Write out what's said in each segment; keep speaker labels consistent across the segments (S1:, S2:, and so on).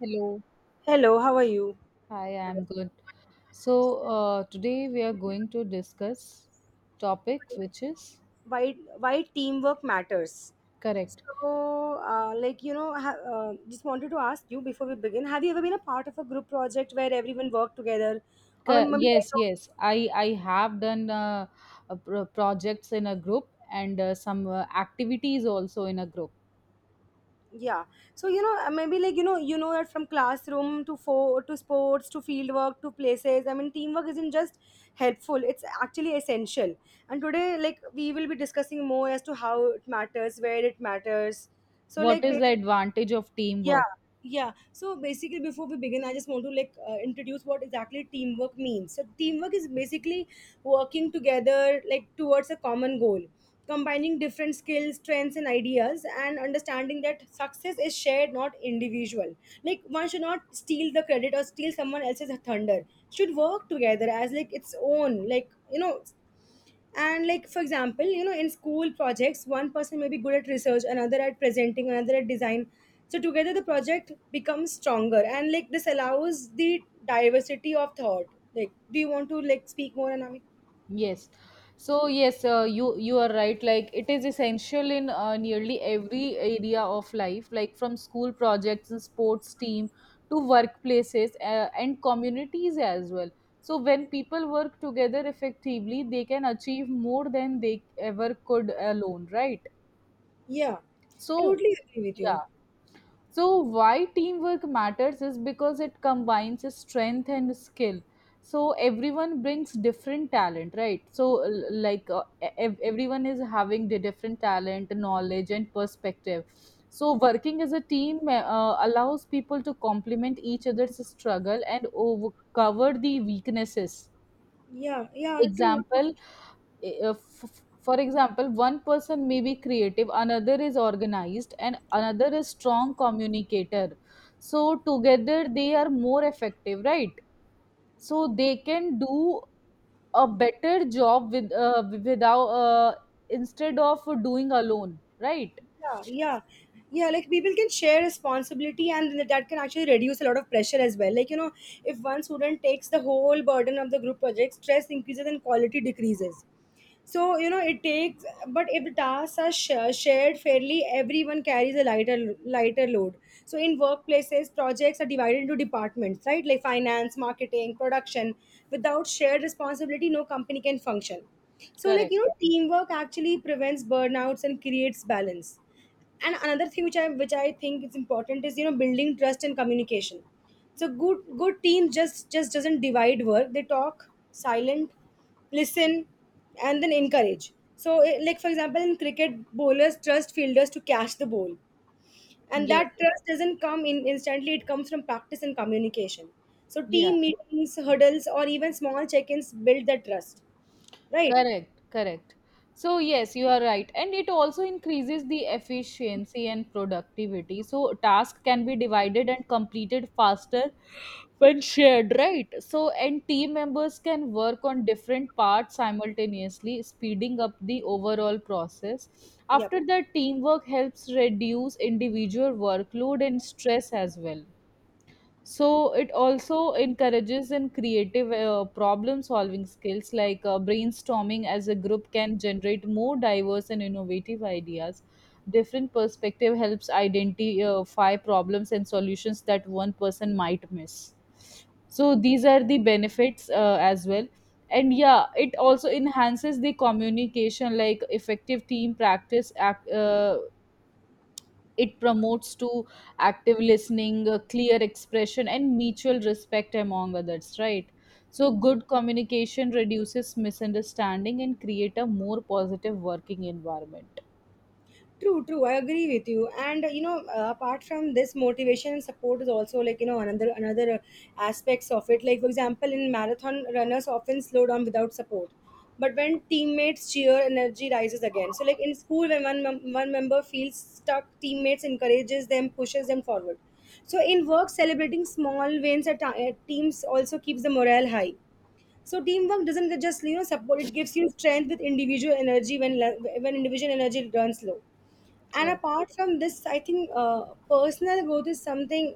S1: Hello.
S2: Hello, how are you?
S1: Hi, I'm good. So, Today we are going to discuss topic which is
S2: Why teamwork matters?
S1: correct.
S2: So, just wanted to ask you before we begin. Have you ever been a part of a group project where everyone worked together, or maybe
S1: Yes, yes. I have done projects in a group and some activities also in a group.
S2: yeah? So you know, maybe you know that from classroom to to sports to field work to places. I mean, teamwork isn't just helpful; it's actually essential. And today, like we will be discussing more as to how it matters, where it matters. So,
S1: What
S2: like
S1: is the advantage of teamwork?
S2: yeah, yeah. So basically, before we begin, I just want to like introduce what exactly teamwork means. So teamwork is basically working together like towards a common goal, combining different skills, strengths, and ideas, and understanding that success is shared, not individual. Like one should not steal the credit or steal someone else's thunder. Should work together as like its own, like you know. And like for example you know, in school projects one person may be good at research, another at presenting, another at design, so together the project becomes stronger, and like this allows the diversity of thought. Like do you want to like speak more? And
S1: Yes. So yes, you are right. Like it is essential in nearly every area of life, like from school projects and sports team to workplaces and communities as well. So when people work together effectively, they can achieve more than they ever could alone, right?
S2: yeah, I
S1: So
S2: totally agree with you.
S1: yeah, so why teamwork matters is because it combines strength and skill. So, everyone brings different talent, right? So, everyone is having the different talent, knowledge, and perspective. So, working as a team allows people to complement each other's struggle and cover the weaknesses.
S2: Yeah, yeah, true.
S1: Example for example, one person may be creative, another is organized, and another is strong communicator, so together they are more effective, right? So they can do a better job with without instead of doing alone, right?
S2: Yeah, yeah, yeah, like people can share responsibility and that can actually reduce a lot of pressure as well, like you know. If one student takes the whole burden of the group project, stress increases and quality decreases. So you know, it takes, but if the tasks are shared fairly, everyone carries a lighter load. So in workplaces, projects are divided into departments, right? Like finance, marketing, production. Without shared responsibility, no company can function. So like
S1: Correct.
S2: you know, teamwork actually prevents burnouts and creates balance. And another thing which I think is important is you know, building trust and communication. So good teams just doesn't divide work, they talk silent, listen, and then encourage. So like for example, in cricket, bowlers trust fielders to catch the ball, and
S1: Yes.
S2: that trust doesn't come in instantly, it comes from practice and communication. So
S1: Yeah.
S2: team meetings, hurdles, or even small check-ins build that trust, right?
S1: Correct, correct. So, yes, you are right. And it also increases the efficiency and productivity. So, task can be divided and completed faster when shared, right? So, and team members can work on different parts simultaneously, speeding up the overall process.
S2: Yep.
S1: After that, teamwork helps reduce individual workload and stress as well. So it also encourages in creative problem solving skills, like brainstorming as a group can generate more diverse and innovative ideas. Different perspective helps identify problems and solutions that one person might miss. So these are the benefits as well. And yeah, it also enhances the communication, like effective team practice it promotes to active listening, clear expression, and mutual respect among others, right? So good communication reduces misunderstanding and create a more positive working environment.
S2: True, true. I agree with you. And you know, apart from this, motivation and support is also like you know, another aspects of it. Like for example, in marathon, runners often slow down without support, but when teammates cheer, energy rises again. So like in school, when one member feels stuck, teammates encourages them, pushes them forward. So in work, celebrating small wins at teams also keeps the morale high. So teamwork doesn't just you know support; it gives you strength with individual energy when individual energy runs low. And
S1: Correct.
S2: apart from this, I think personal growth is something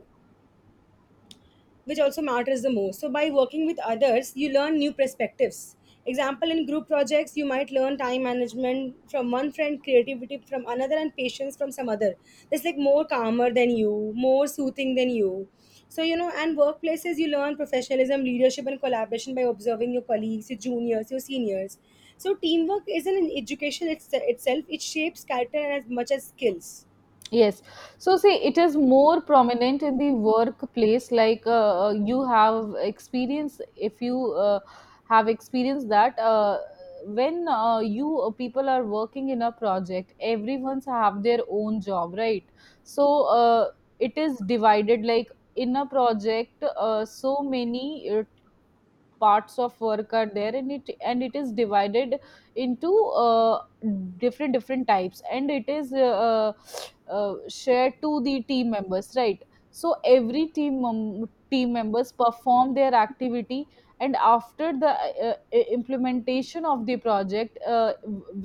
S2: which also matters the most. So by working with others, you learn new perspectives. Example, in group projects you might learn time management from one friend, creativity from another, and patience from some other. That's like more calmer than you, more soothing than you. So you know, and workplaces, you learn professionalism, leadership, and collaboration by observing your colleagues, your juniors, your seniors. So teamwork isn't an education, itself it shapes character as much as skills.
S1: Yes. So, see, it is more prominent in the workplace. Like you have experience, if you have experienced that, when you people are working in a project, everyone's have their own job, right? So, it is divided like in a project, so many parts of work are there, and it is divided into uh, different different types, and it is shared to the team members, right? So every team members perform their activity, and after the implementation of the project,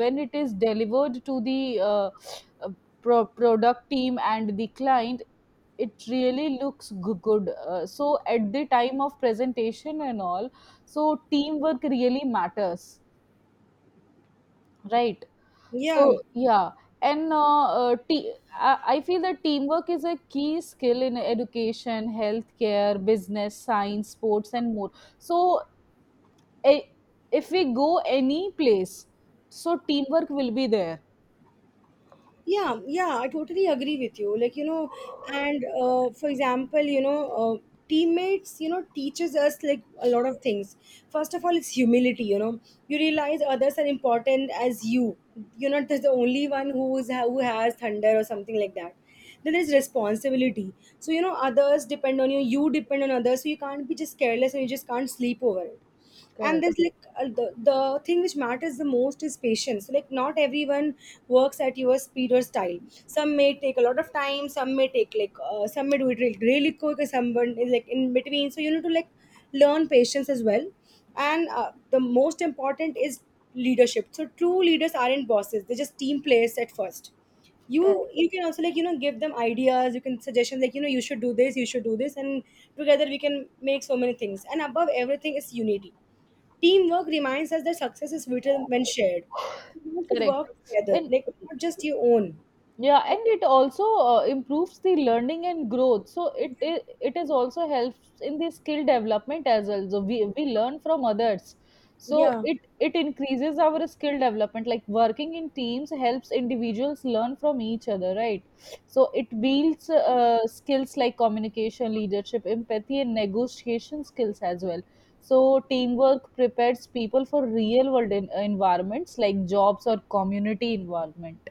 S1: when it is delivered to the uh, product team and the client, it really looks good, so at the time of presentation and all. So teamwork really matters, right?
S2: Yeah.
S1: So yeah, and I feel that teamwork is a key skill in education, healthcare, business, science, sports, and more. So i- if we go any place, so teamwork will be there.
S2: Yeah. Yeah, I totally agree with you, like you know. And for example you know, teammates you know teaches us like a lot of things. First of all, it's humility, you know. You realize others are important as you, you're not just the only one who's who has thunder or something like that. Then there's responsibility. So you know, others depend on you, you depend on others, so you can't be just careless and you just can't sleep over it. And
S1: Correct.
S2: there's like the thing which matters the most is patience. Like not everyone works at your speed or style. Some may take a lot of time, some may take like some may do it really, really quick, and someone is like in between, so you need to like learn patience as well. And the most important is leadership. So true leaders aren't bosses, they're just team players at first. you
S1: Correct.
S2: you can also like you know give them ideas, you can suggestions, like you know, you should do this, you should do this, and together we can make so many things. And above everything is unity. Teamwork reminds us that success is sweeter when shared. You should
S1: Correct.
S2: work together,
S1: And
S2: like not just your own.
S1: yeah,
S2: Yeah.
S1: and it also improves the learning and growth, so it it is also helps in the skill development as well, so we learn from others, so
S2: Yeah.
S1: it increases our skill development. Like working in teams helps individuals learn from each other, right? So it builds skills like communication, leadership, empathy, and negotiation skills as well. So teamwork prepares people for real world environments like jobs or community involvement.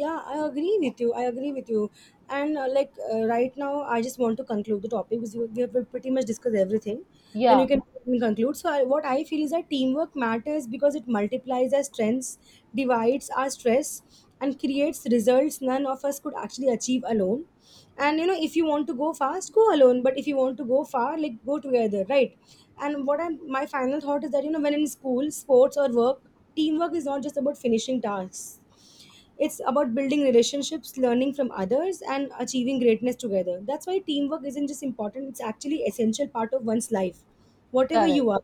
S2: Yeah, I agree with you, I agree with you. And right now I just want to conclude the topic because we have pretty much discussed everything, then you
S1: Yeah.
S2: can conclude. So what I feel is that teamwork matters because it multiplies our strengths, divides our stress, and creates results none of us could actually achieve alone. And you know, if you want to go fast, go alone, but if you want to go far, like go together, right? And what I'm my final thought is that you know, when in school, sports, or work, teamwork is not just about finishing tasks, it's about building relationships, learning from others, and achieving greatness together. That's why teamwork isn't just important; it's actually essential part of one's life, whatever you
S1: Correct.
S2: are.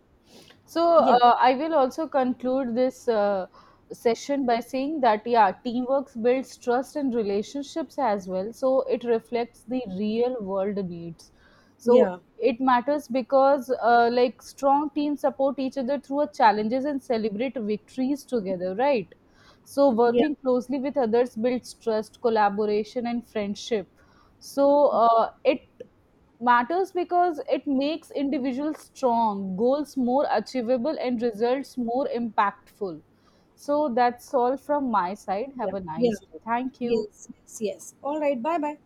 S1: So
S2: Yeah,
S1: I will also conclude this session by saying that yeah, teamwork builds trust and relationships as well. So it reflects the real world needs. So
S2: yeah,
S1: it matters because like strong teams support each other through our challenges and celebrate victories together, right? So
S2: yeah,
S1: working closely with others builds trust, collaboration, and friendship. So it matters because it makes individuals strong, goals more achievable, and results more impactful. So that's all from my side.
S2: yeah,
S1: Have a
S2: yeah.
S1: nice day. Thank you.
S2: Yes, yes, yes. All right. Bye, bye.